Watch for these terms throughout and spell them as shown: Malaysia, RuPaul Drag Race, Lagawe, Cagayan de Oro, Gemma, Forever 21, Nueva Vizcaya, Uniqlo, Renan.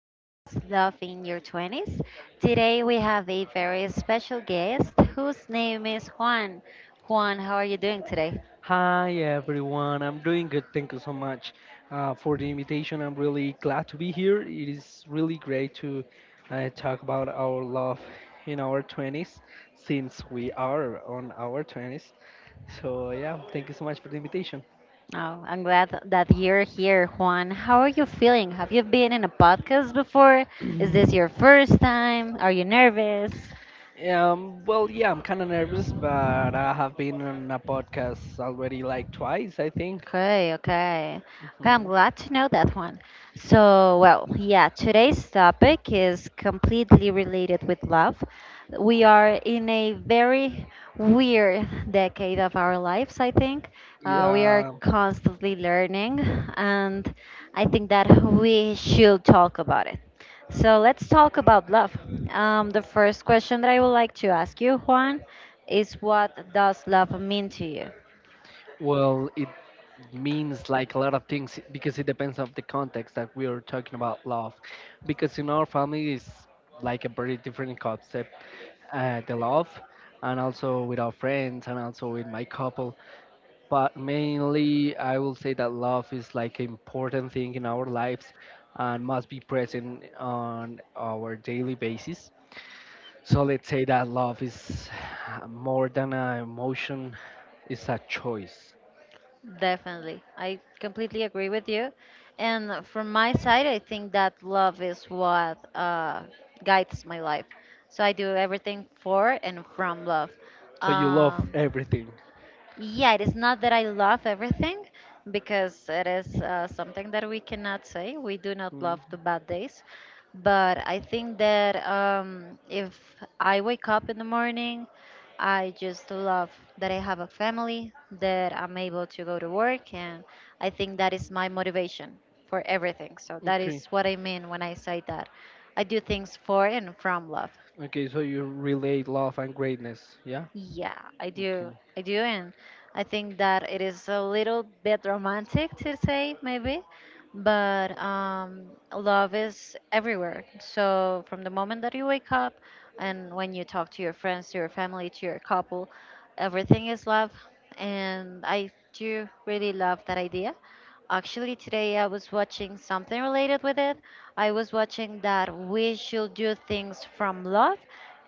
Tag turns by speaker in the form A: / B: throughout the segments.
A: podcast, Love in Your 20s. Today, we have a very special guest whose name is Juan. Juan, how are you doing today?
B: Hi everyone, I'm doing good. Thank you so much for the invitation. I'm really glad to be here. It is really great to talk about our love in our 20s since we are on our 20s. So, yeah, thank you so much for the invitation.
A: Oh, I'm glad that you're here, Juan. How are you feeling? Have you been in a podcast before? Is this your first time? Are you nervous?
B: Yeah, I'm kind of nervous, but I have been on a podcast already like twice, I think.
A: Okay, okay. Okay, I'm
B: Hmm.
A: glad to know that one. So, well, yeah, today's topic is completely related with love. We are in a very weird decade of our lives, I think. We are
B: Yeah.
A: constantly learning, and I think that we should talk about it. So, let's talk about love. The first question that I would like to ask you, Juan, is what does love mean to you?
B: Well, it means like a lot of things because it depends on the context that we are talking about love. Because in our family is like a very different concept, the love, and also with our friends and also with my couple. But mainly, I will say that love is like an important thing in our lives and must be present on our daily basis. So let's say that love is more than an emotion, it's a choice.
A: Definitely. I completely agree with you. And from my side, I think that love is what guides my life. So I do everything for and from love.
B: So you love
A: Um,
B: everything.
A: yeah, it is not that I love everything because it is something that we cannot say. We do not
B: Mm.
A: love the bad days. But I think that if I wake up in the morning, I just love that I have a family, that I'm able to go to work, and I think that is my motivation for everything. So that
B: Okay.
A: is what I mean when I say that. I do things for and from love.
B: Okay. So you relate love and greatness. Yeah.
A: Yeah, I
B: Okay.
A: do. I do. And I think that it is a little bit romantic to say, maybe, but love is everywhere. So from the moment that you wake up and when you talk to your friends, to your family, to your couple, everything is love. And I do really love that idea. Actually, today I was watching something related with it. I was watching that we should do things from love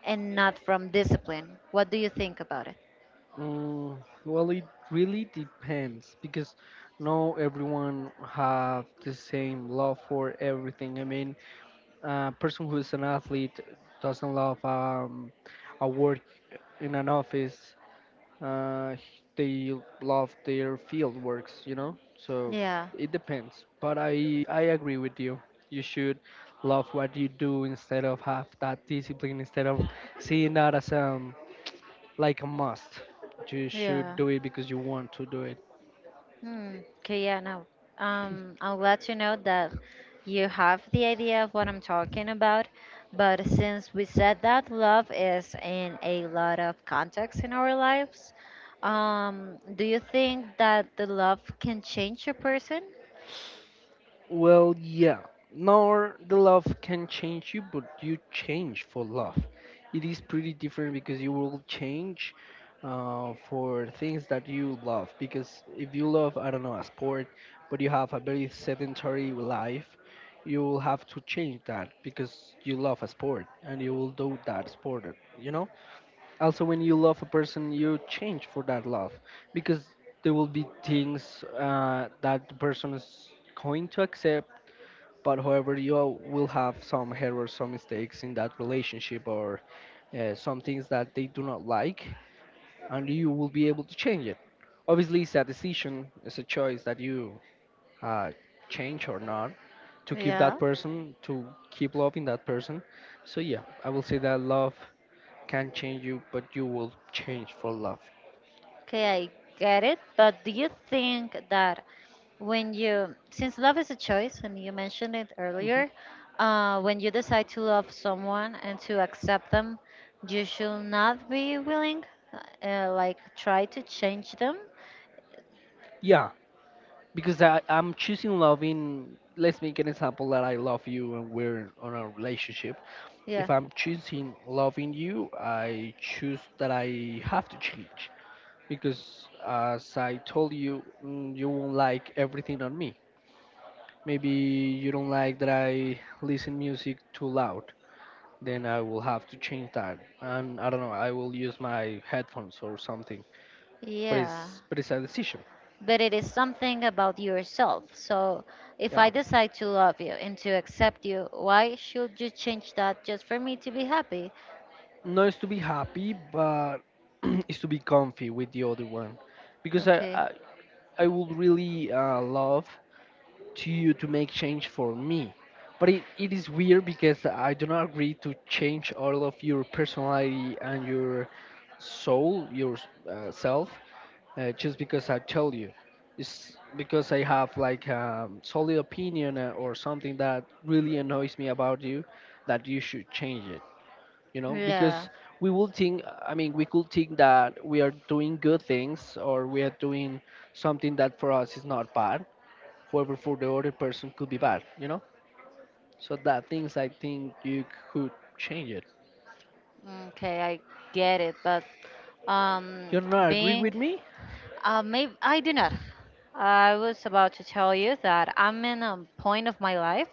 A: and not from discipline. What do you think about it?
B: Mm, well, it really depends because no everyone have the same love for everything. I mean, a person who is an athlete doesn't love a work in an office they love their field works, you know. So
A: Yeah,
B: it depends, but I agree with you. You should love what you do instead of have that discipline instead of seeing that as like a must. You should
A: yeah.
B: do it because you want to do it.
A: Hmm. Okay, yeah, no. I'm glad to know that you have the idea of what I'm talking about. But since we said that love is in a lot of contexts in our lives, do you think that the love can change a person?
B: Well, yeah. Nor the love can change you, but you change for love. It is pretty different because you will change for things that you love. Because if you love, I don't know, a sport, but you have a very sedentary life, you will have to change that because you love a sport and you will do that sport, you know? Also, when you love a person, you change for that love because there will be things that the person is going to accept, but however will have some errors, some mistakes in that relationship, or some things that they do not like, and you will be able to change it. Obviously it's a decision, it's a choice that you uh, change or not, to keep that
A: Yeah.
B: person, to keep loving that person. So yeah, I will say that love can change you, but you will change for love.
A: Okay, I get it. But do you think that since love is a choice, and you mentioned it
B: Mhm.
A: earlier, when you decide to love someone and to accept them, you should not be willing, try to change them?
B: Yeah, because I'm choosing loving. Let's make an example that I love you and we're on a relationship. If
A: Yeah.
B: I'm choosing loving you, I choose that I have to change because, as I told you, you won't like everything on me. Maybe you don't like that I listen music too loud. Then I will have to change that, and I don't know. I will use my headphones or something. But
A: Yeah.
B: it's but it's a decision.
A: But it is something about yourself. So if I
B: Yeah,
A: decide to love you and to accept you, why should you change that just for me to be happy?
B: not is to be happy, but it's to be comfy with the other one, because
A: Okay.
B: I would really love to you to make change for me. But it is weird because I do not agree to change all of your personality and your soul, your self, just because I tell you. It's because I have like a solid opinion or something that really annoys me about you that you should change it. You know,
A: Yeah.
B: because we will think, I mean, we could think that we are doing good things or we are doing something that for us is not bad. However, for the other person could be bad, you know? So that things I think you could change it.
A: Okay, I get it, but um,
B: You're not agree
A: being
B: with me?
A: maybe I do not. I was about to tell you that I'm in a point of my life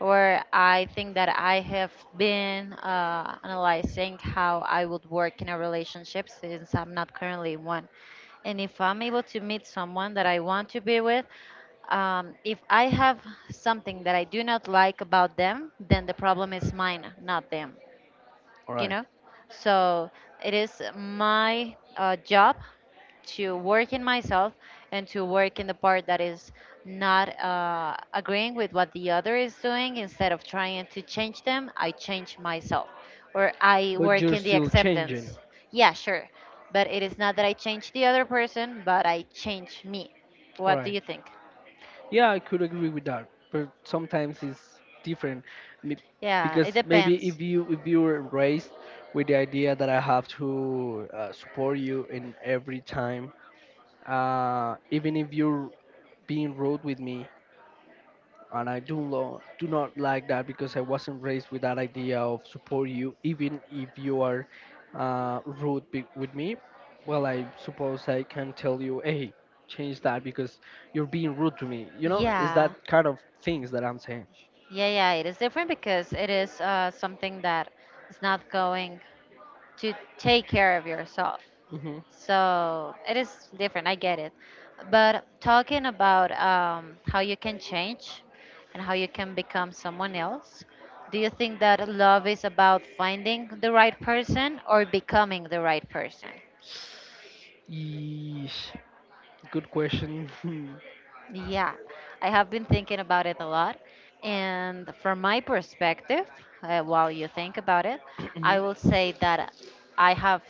A: where I think that I have been analyzing how I would work in a relationship since I'm not currently in one. And if I'm able to meet someone that I want to be with, if I have something that I do not like about them, then the problem is mine, not them. You
B: Alright.
A: know, so it is my job to work in myself and to work in the part that is not agreeing with what the other is doing. Instead of trying to change them, I change myself, or I
B: But
A: work
B: you're
A: in the
B: still changing.
A: acceptance. Yeah, sure, but it is not that I change the other person, but I change me. What do
B: Alright.
A: you think?
B: Yeah, I could agree with that. But sometimes it's different. Me-
A: Yeah, it
B: Because maybe
A: depends.
B: if you were raised with the idea that I have to support you in every time, even if you're being rude with me, and I do do not like that because I wasn't raised with that idea of support you, even if you are rude with me. Well, I suppose I can tell you, hey, change that because you're being rude to me. You know, it's
A: yeah
B: that kind of things that I'm saying.
A: yeah yeah it is different because it is something that is not going to take care of yourself.
B: Hmm.
A: So it is different. I get it. But talking about how you can change and how you can become someone else, do you think that love is about finding the right person or becoming the right person?
B: Yeesh. Good question.
A: Yeah, I have been thinking about it a lot. And from my perspective, while you think about it, I will say that I have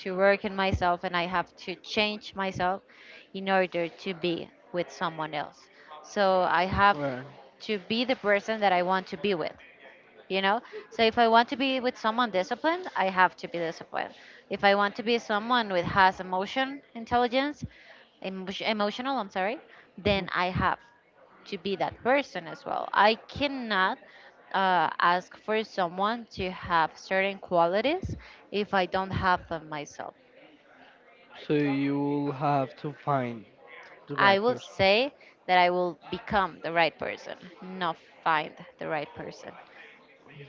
A: to work in myself and I have to change myself in order to be with someone else. So I have
B: Right.
A: to be the person that I want to be with. You know, so if I want to be with someone disciplined, I have to be disciplined. If I want to be someone with has emotion intelligence, emotion, emotional, I'm sorry,
B: Mhm.
A: then I have to be that person as well. I cannot ask for someone to have certain qualities if I don't have them myself.
B: So you'll have to find the
A: I
B: right
A: will
B: person.
A: say that I will become the right person, not find the right person.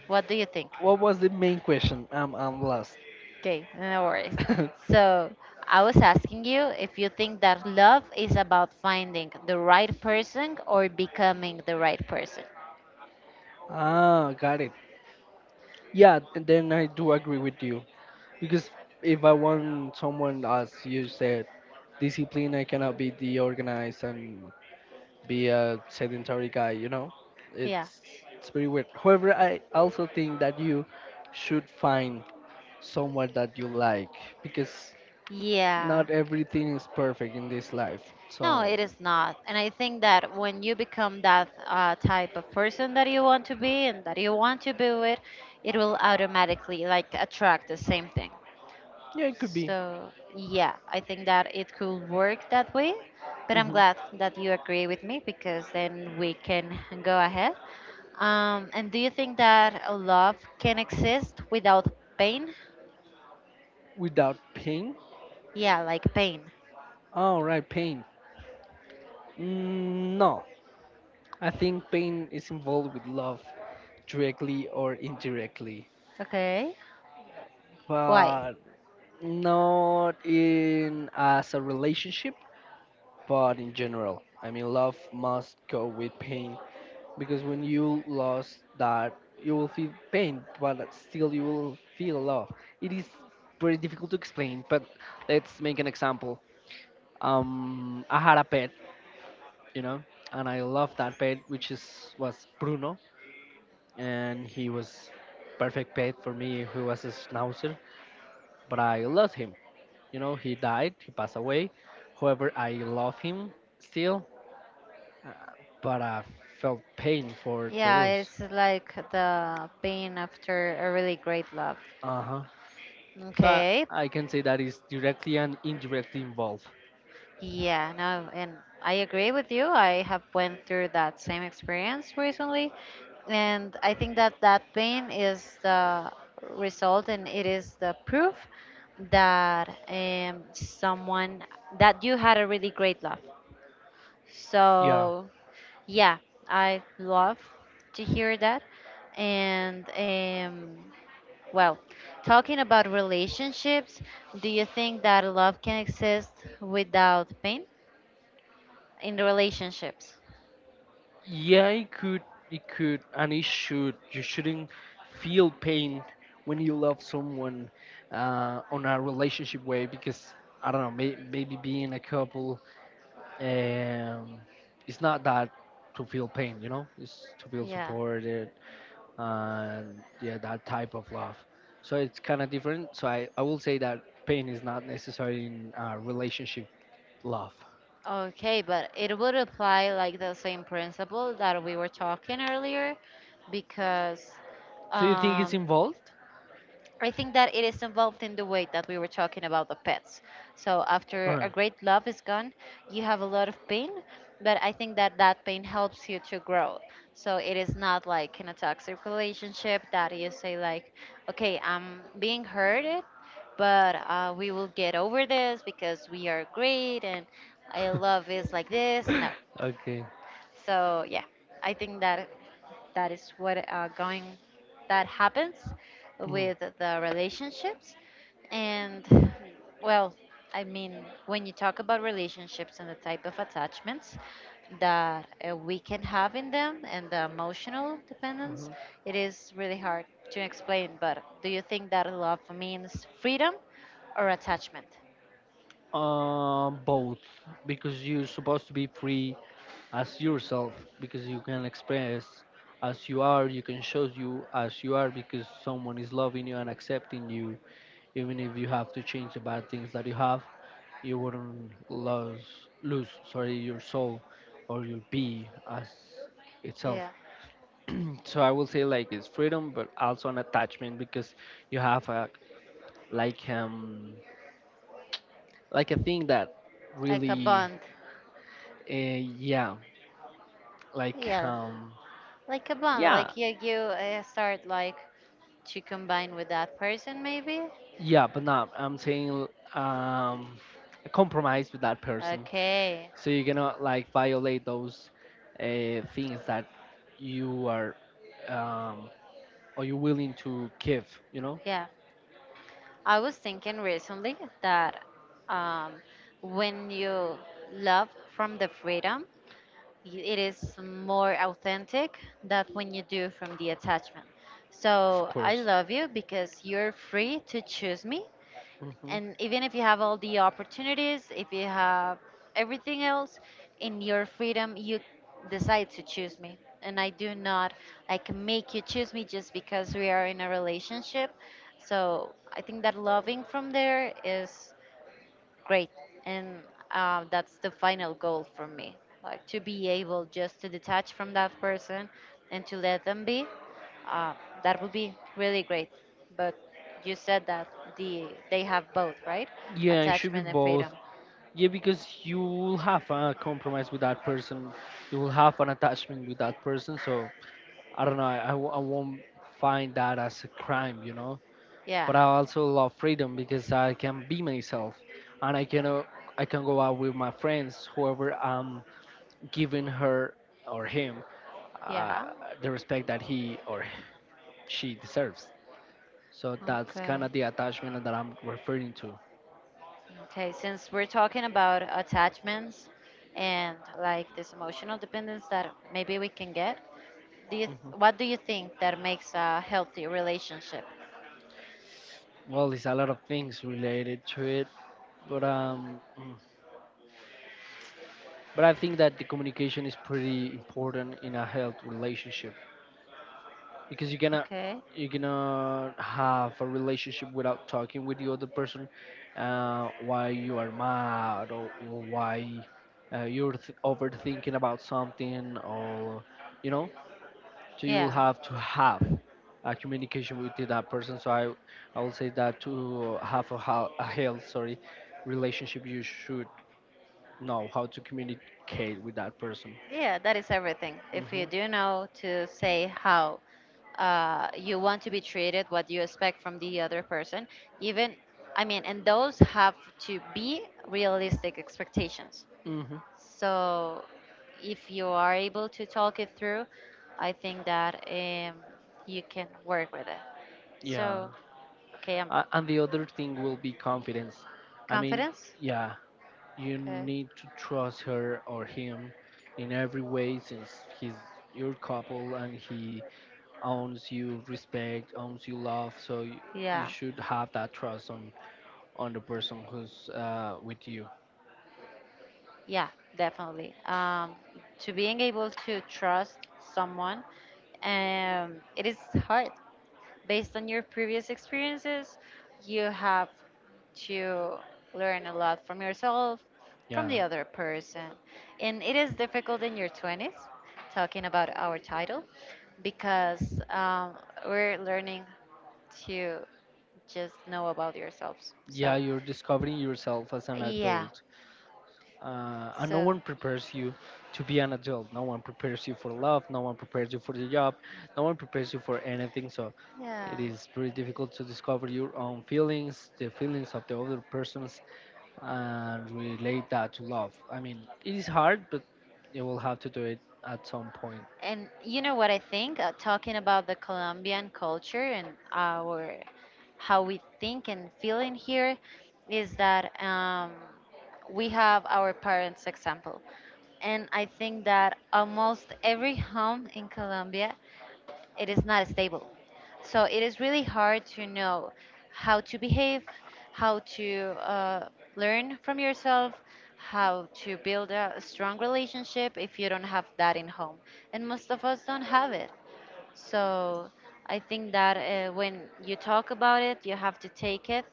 A: What do you think?
B: What was the main question? I'm lost.
A: Okay, no worries. So I was asking you if you think that love is about finding the right person or becoming the right person.
B: Ah, got it. Then I do agree with you. Because if I want someone, as you said, discipline, I cannot be deorganized and be a sedentary guy, you know?
A: Yeah.
B: It's, it's pretty weird. However, I also think that you should find someone that you like because
A: Yeah.
B: not everything is perfect in this life.
A: No,
B: So,
A: it is not. And I think that when you become that type of person that you want to be and that you want to be with, it will automatically like attract the same thing.
B: yeah, it could be.
A: So, yeah, I think that it could work that way. But I'm
B: Hmm.
A: glad that you agree with me because then we can go ahead. And do you think that a love can exist without pain?
B: Without pain?
A: Yeah, like pain.
B: All right, pain. No, I think pain is involved with love, directly or indirectly,
A: Okay. Why?
B: but not in as a relationship, but in general. I mean, love must go with pain because when you lose that, you will feel pain, but still you will feel love. It is very difficult to explain, but let's make an example. I had a pet, you know, and I loved that pet, which is was Bruno, and he was perfect pet for me. He was a schnauzer, but I lost him, you know, he died, he passed away. However, I love him still, but I felt pain for the
A: Yeah,
B: loss.
A: it's like the pain after a really great love.
B: Uh-huh. so i,
A: Okay.
B: I can say that is directly and indirectly involved.
A: Yeah, no, and I agree with you. I have went through that same experience recently, and I think that that pain is the result, and it is the proof that someone that you had a really great love.
B: Yeah.
A: So, yeah, I love to hear that. And well, talking about relationships, do you think that love can exist without pain? In the relationships.
B: Yeah, it could. It could and it should. You shouldn't feel pain when you love someone on a relationship way because I don't know, maybe being a couple, and it's not that to feel pain, you know, it's to feel
A: Yeah.
B: supported and yeah, that type of love. So it's kind of different. So I will say that pain is not necessary in relationship love.
A: Okay, but it would apply like the same principle that we were talking earlier because
B: So you think it's
A: um,
B: involved.
A: I think that it is involved in the way that we were talking about the pets. So after a
B: Or-
A: great love is gone, you have a lot of pain, but I think that that pain helps you to grow. So it is not like in a toxic relationship that you say like, okay, I'm being hurted, but we will get over this because we are great and I love is like this. No,
B: Okay.
A: so yeah, I think that that is what going that happens
B: Mm.
A: with the relationships. And well, I mean, when you talk about relationships and the type of attachments that we can have in them and the emotional dependence,
B: Mhm.
A: it is really hard to explain, but do you think that love means freedom or attachment?
B: Both, because you're supposed to be free as yourself, because you can express as you are, you can show you as you are because someone is loving you and accepting you. Even if you have to change the bad things that you have, you wouldn't lose, sorry, your soul or your be as itself.
A: Yeah,
B: So I will say like it's freedom, but also an attachment because you have a like um like a thing that
A: like a
B: really
A: bond.
B: uh, yeah, like
A: Yeah.
B: um,
A: Like a bond,
B: yeah.
A: like you start like to combine with that person maybe.
B: Yeah, but not I'm saying um a compromise with that person.
A: Okay.
B: So you cannot like violate those things that you are um, or you're willing to give, you know?
A: Yeah. I was thinking recently that um, when you love from the freedom, it is more authentic than when you do from the attachment.
B: Of
A: So I
B: course.
A: love you because you're free to choose me,
B: Hmm.
A: and even if you have all the opportunities, if you have everything else in your freedom, you decide to choose me, and I do not like make you choose me just because we are in a relationship. So I think that loving from there is great. And that's the final goal for me. Like to be able just to detach from that person and to let them be. Uh, that would be really great. But you said that they have both, right?
B: Yeah, it should be
A: Attachment and
B: both.
A: freedom.
B: Yeah, because you will have a compromise with that person. You will have an attachment with that person. So I don't know. I won't find that as a crime, you know.
A: Yeah.
B: But I also love freedom because I can be myself, and I can go out with my friends, whoever I'm giving her or him uh,
A: Yeah.
B: the respect that he or she deserves. So that's
A: Okay.
B: kind of the attachment that I'm referring to.
A: Okay. Since we're talking about attachments and like this emotional dependence that maybe we can get,
B: Mhm.
A: what do you think that makes a healthy relationship?
B: Well, there's a lot of things related to it, but but I think that the communication is pretty important in a health relationship. Because you're gonna
A: Okay.
B: you're gonna have a relationship without talking with the other person why you are mad, or why overthinking about something or, you know, so you will
A: Yeah,
B: have to have a communication with that person. So I will say that to have a, a health, sorry, relationship, you should know how to communicate with that person.
A: yeah, that is everything. If you
B: Hmm.
A: do know to say how you want to be treated, what you expect from the other person, even, I mean, and those have to be realistic expectations.
B: Hmm.
A: So if you are able to talk it through, I think that you can work with it.
B: Yeah.
A: So, okay,
B: And the other thing will be confidence. I mean,
A: confidence?
B: yeah, you
A: Okay,
B: need to trust her or him in every way since he's your couple and he owns you respect, owns you love. So you
A: yeah.
B: should have that trust on the person who's with you.
A: Yeah, definitely. To being able to trust someone, it is hard. Based on your previous experiences, you have to learn a lot from yourself, from
B: Yeah.
A: the other person. And it is difficult in your 20s, talking about our title, because we're learning to just know about yourselves.
B: Yeah,
A: So,
B: you're discovering yourself as an
A: yeah.
B: adult and no
A: So,
B: one prepares you to be an adult. No one prepares you for love. No one prepares you for the job. No one prepares you for anything. So
A: yeah.
B: it is pretty difficult to discover your own feelings, the feelings of the other persons, and relate that to love. I mean, it is hard, but you will have to do it at some point.
A: And you know what I think? Talking about the Colombian culture and our how we think and feel in here is that we have our parents' example. And I think that almost every home in Colombia, it is not stable. So it is really hard to know how to behave, how to uh, learn from yourself, how to build a strong relationship if you don't have that in home. And most of us don't have it. So I think that when you talk about it, you have to take it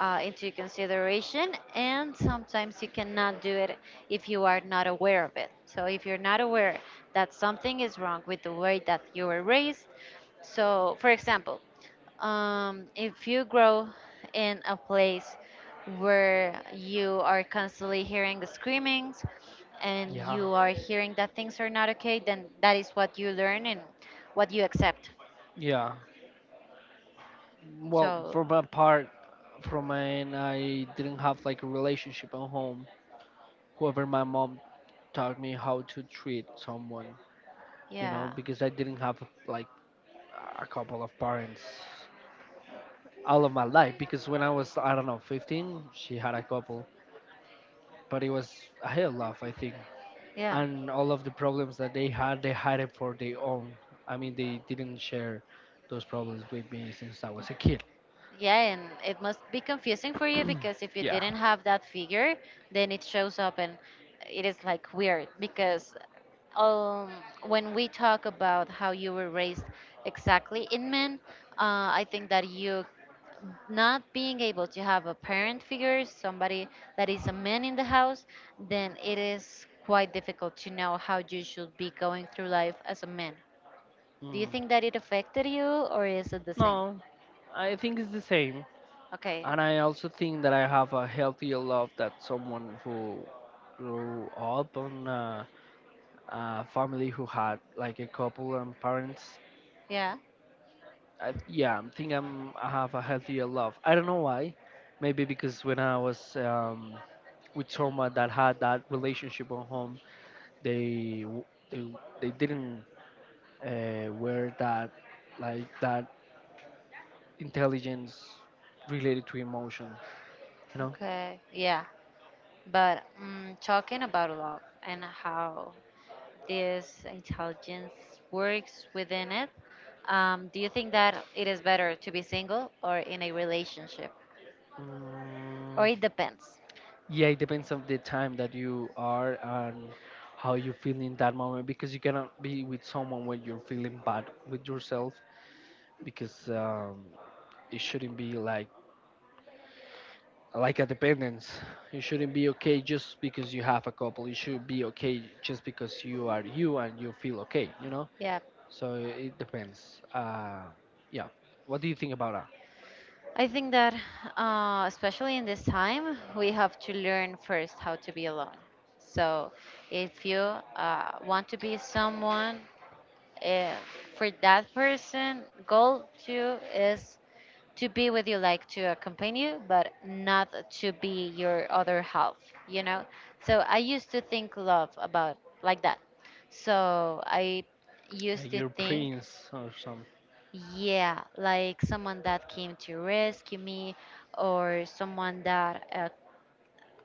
A: into consideration, and sometimes you cannot do it if you are not aware of it. So if you're not aware that something is wrong with the way that you were raised, so for example, if you grow in a place where you are constantly hearing the screamings and
B: Yeah.
A: you are hearing that things are not okay, then that is what you learn and what you accept.
B: Yeah. Well,
A: So,
B: for my part, from mine, I didn't have like a relationship at home. However, my mom taught me how to treat someone, you know,
A: yeah,
B: because I didn't have like a couple of parents all of my life. Because when I was, I don't know, 15, she had a couple, but it was a hell of, I think.
A: yeah.
B: And all of the problems that they had it for their own. I mean, they didn't share those problems with me since I was a kid.
A: Yeah, and it must be confusing for you because if you
B: Yeah.
A: didn't have that figure, then it shows up and it is like weird because um, when we talk about how you were raised exactly in men, I think that you not being able to have a parent figure, somebody that is a man in the house, then it is quite difficult to know how you should be going through life as a man. Do you
B: Mm.
A: think that it affected you, or is it the same?
B: No, I think it's the same.
A: Okay.
B: And I also think that I have a healthier love that someone who grew up on family who had like a couple and parents.
A: Yeah.
B: I, yeah, I think I'm, I have a healthier love. I don't know why. Maybe because when I was with someone that had that relationship at home, they w- they, they didn't wear that like that intelligence related to emotion. You know.
A: Okay. Yeah. But talking about love and how this intelligence works within it, do you think that it is better to be single or in a relationship? Or
B: Mm.
A: it depends.
B: Yeah, it depends on the time that you are and how you feel in that moment, because you cannot be with someone when you're feeling bad with yourself because it shouldn't be like a dependence. You shouldn't be okay just because you have a couple. You should be okay just because you are you and you feel okay, you know?
A: Yeah.
B: So it depends. Yeah. What do you think about that?
A: I think that, especially in this time, we have to learn first how to be alone. So if you want to be someone, uh, for that person, goal two is to be with you, like to accompany you, but not to be your other half, you know? So I used to think love about like that. So I used
B: Like
A: to
B: your
A: think,
B: prince or something.
A: yeah, like someone that came to rescue me or someone that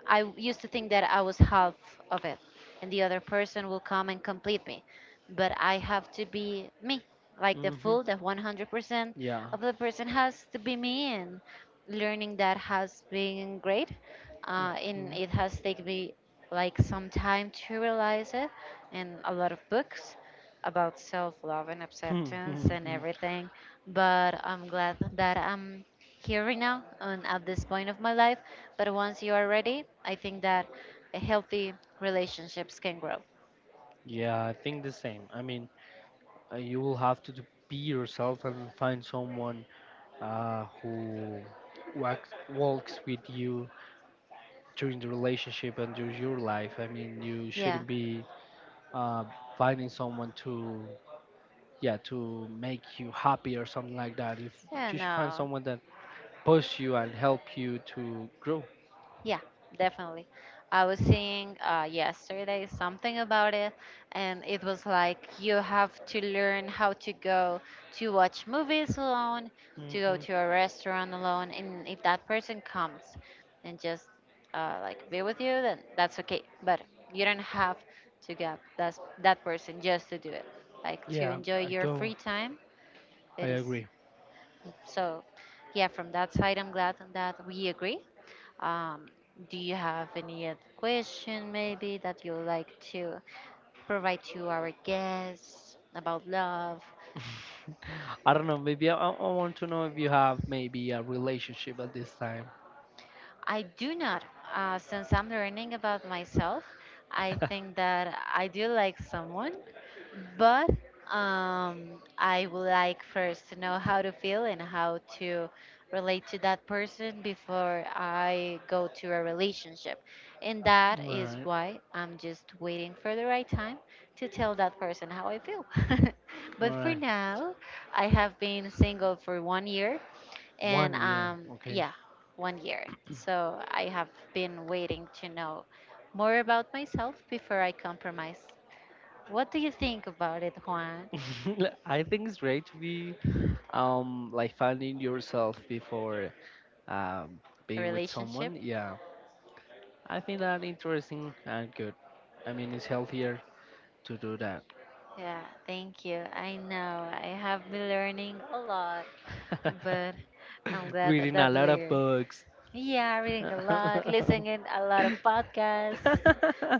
A: used to think that I was half of it, and the other person will come and complete me. But I have to be me, like the
B: Hmm.
A: full, the 100%
B: Yeah.
A: of the person has to be me. And learning that has been great, and it has taken me like some time to realize it, and a lot of books about self-love and acceptance
B: Hmm.
A: and everything. But I'm glad that I'm here right now and at this point of my life. But once you are ready, I think that a healthy relationships can grow.
B: Yeah, I think the same. I mean, you will have to do- be yourself and find someone who walks with you during the relationship and during your life. I mean, you
A: Yeah.
B: shouldn't be uh, finding someone to, yeah, to make you happy or something like that. If
A: Yeah,
B: you should find
A: no.
B: someone that push you and help you to grow.
A: Yeah, definitely. I was seeing yesterday something about it, and it was like you have to learn how to go to watch movies alone, to go
B: Hmm.
A: to a restaurant alone, and if that person comes and just like be with you, then that's okay. But you don't have to get that person just to do it. Like to
B: Yeah,
A: enjoy
B: I
A: your
B: do.
A: free time,
B: I
A: it is.
B: agree.
A: So, yeah, from that side, I'm glad that we agree. Um, do you have any other question, maybe, that you would like to provide to our guests about love?
B: I don't know. Maybe I want to know if you have maybe a relationship at this time.
A: I do not. Since I'm learning about myself, I think that I do like someone, but I would like first to know how to feel and how to relate to that person before I go to a relationship. And that is
B: Right,
A: why I'm just waiting for the right time to tell that person how I feel.
B: all
A: But for
B: right.
A: now, I have been single for 1 year and
B: One year, okay.
A: yeah, 1 year. So I have been waiting to know more about myself before I compromise. What do you think about it, Juan?
B: I think it's great to be like finding yourself before um
A: A
B: being with
A: relationship?
B: someone. Yeah, I think that interesting and good. I mean, it's healthier to do that.
A: Yeah, thank you. I know I have been learning a lot, but I'm glad that
B: Reading a
A: that's
B: lot of
A: weird.
B: books.
A: Yeah, reading a lot, listening a lot of podcasts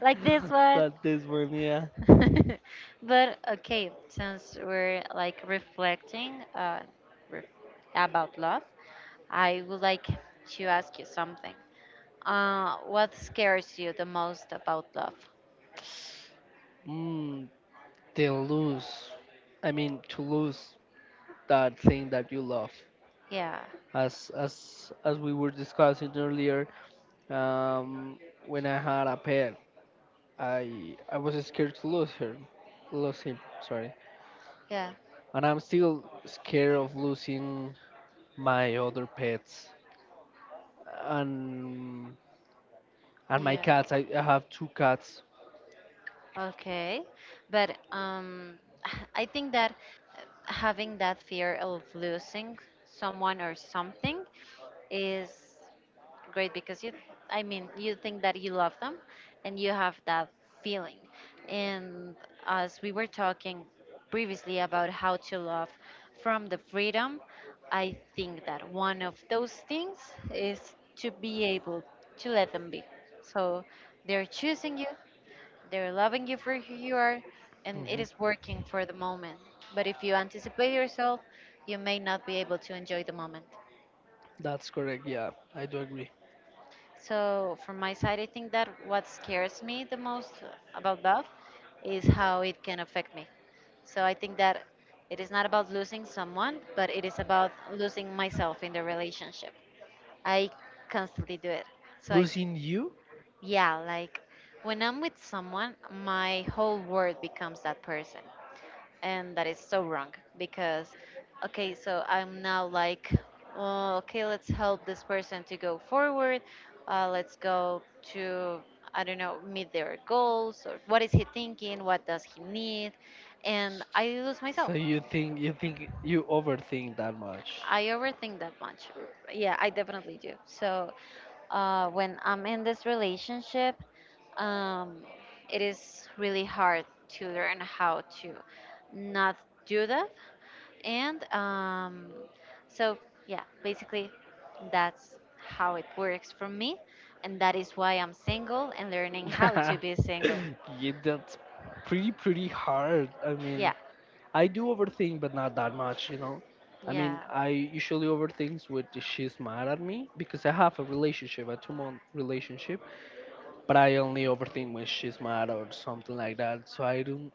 A: like this one.
B: That this one, yeah.
A: But okay, since we're like reflecting ref about love, I would like to ask you something. What scares you the most about love?
B: Mm. To lose. I mean, to lose that thing that you love.
A: Yeah,
B: As we were discussing earlier, um, when I had a pet, I was scared to lose her, lose him, sorry,
A: yeah,
B: and I'm still scared of losing my other pets, and and my
A: yeah.
B: cats. I have two cats.
A: Okay, but I think that having that fear of losing someone or something is. Great because you, I mean, you think that you love them and you have that feeling and as we were talking previously about how to love from the freedom, I think that one of those things is to be able to let them be, so they're choosing you, they're loving you for who you are and it
B: Hmm.
A: is working for the moment, but if you anticipate yourself, you may not be able to enjoy the moment.
B: That's correct, yeah, I do agree.
A: So, from my side, I think that what scares me the most about love is how it can affect me. So, I think that it is not about losing someone, but it is about losing myself in the relationship. I constantly do it. So, I,
B: Losing you.
A: yeah, like when I'm with someone, my whole world becomes that person and that is so wrong because, okay, so I'm now like, oh, okay, let's help this person to go forward, let's go to, I don't know, meet their goals or what is he thinking, what does he need, and I lose
B: So
A: myself.
B: you think, you think you overthink that much?
A: I overthink that much. Yeah, I definitely do. So when I'm in this relationship, um, it is really hard to learn how to not do that. And so, yeah, basically, that's how it works for me. And that is why I'm single and learning how to be single.
B: Yeah, that's pretty hard. I mean,
A: Yeah,
B: I do overthink, but not that much, you know. I mean,
A: yeah.
B: I usually overthink with if she's mad at me because I have a relationship, a two-month relationship, but I only overthink when she's mad or something like that.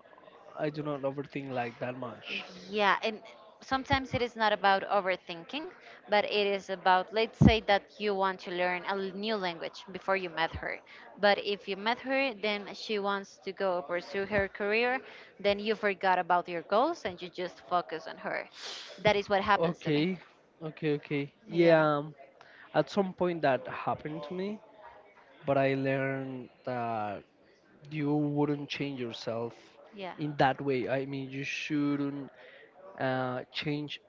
B: I do not overthink like that much.
A: Yeah, and sometimes it is not about overthinking, but it is about, let's say that you want to learn a new language before you met her. But if you met her, then she wants to go pursue her career, then you forgot about your goals and you just focus on her. That is what happens to me.
B: Okay, okay.
A: Yeah,
B: Yeah, at some point that happened to me, but I learned that you wouldn't change yourself
A: yeah,
B: in that way. I mean, you shouldn't change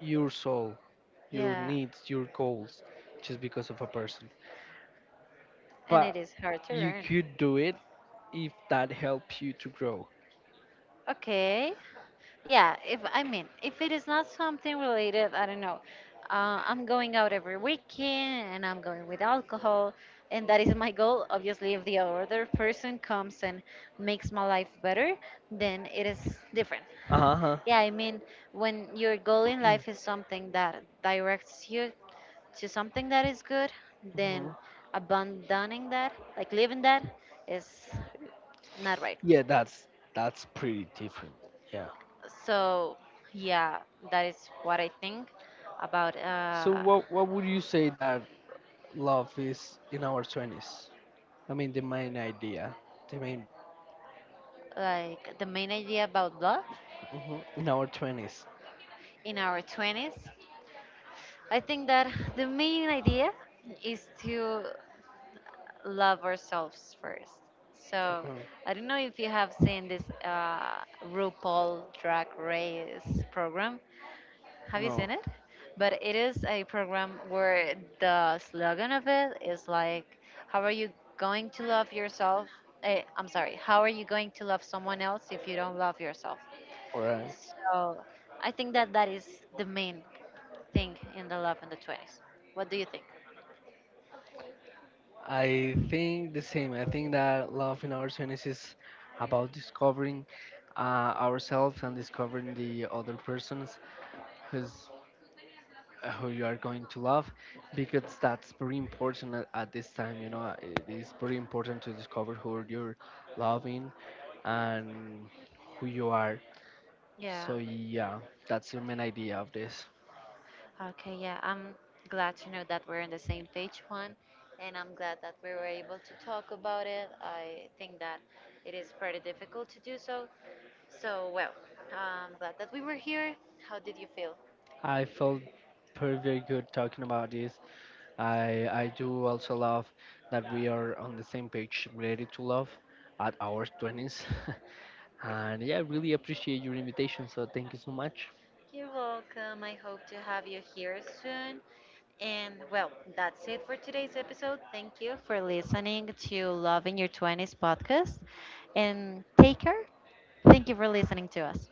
B: your soul, your
A: yeah.
B: needs, your goals, just because of a person.
A: And it
B: But
A: is hard to
B: you
A: learn.
B: could do it if that helps you to grow.
A: Okay. Yeah, if, I mean, if it is not something related, I don't know. I'm going out every weekend and I'm going with alcohol, and that is my goal. Obviously, if the other person comes and makes my life better, then it is different.
B: Uh huh.
A: Yeah, I mean, when your goal in life is something that directs you to something that is good,
B: Hmm.
A: then abandoning that, like leaving that, is not right.
B: Yeah, that's pretty different. Yeah.
A: So yeah, that is what I think about
B: So what would you say that love is in our twenties? I mean the main idea, the main—
A: like the main idea about love
B: hmm, in our twenties.
A: in our 20s. I think that the main idea is to love ourselves first. So
B: Okay.
A: I don't know if you have seen this RuPaul Drag Race program. Have you seen
B: No.
A: it? But it is a program where the slogan of it is like, how are you going to love yourself? Eh, I'm sorry, how are you going to love someone else if you don't love yourself?
B: All.
A: So I think that that is the main thing in the love in the 20s. What do you think?
B: I think the same. I think that love in our 20s is about discovering ourselves and discovering the other persons who's who you are going to love, because that's very important at this time, you know, it is very important to discover who you're loving and who you are.
A: Yeah.
B: So yeah, that's the main idea of this.
A: Okay, yeah, I'm glad to know that we're on the same page, Juan, and I'm glad that we were able to talk about it. I think that it is pretty difficult to do so. So, well, I'm glad that we were here. How did you feel?
B: I felt pretty very good talking about this. I do also love that we are on the same page related to love at our 20s. And yeah, I really appreciate your invitation. So thank you so much.
A: You're welcome. I hope to have you here soon. And well, that's it for today's episode. Thank you for listening to Love in Your 20s podcast. And take care. Thank you for listening to us.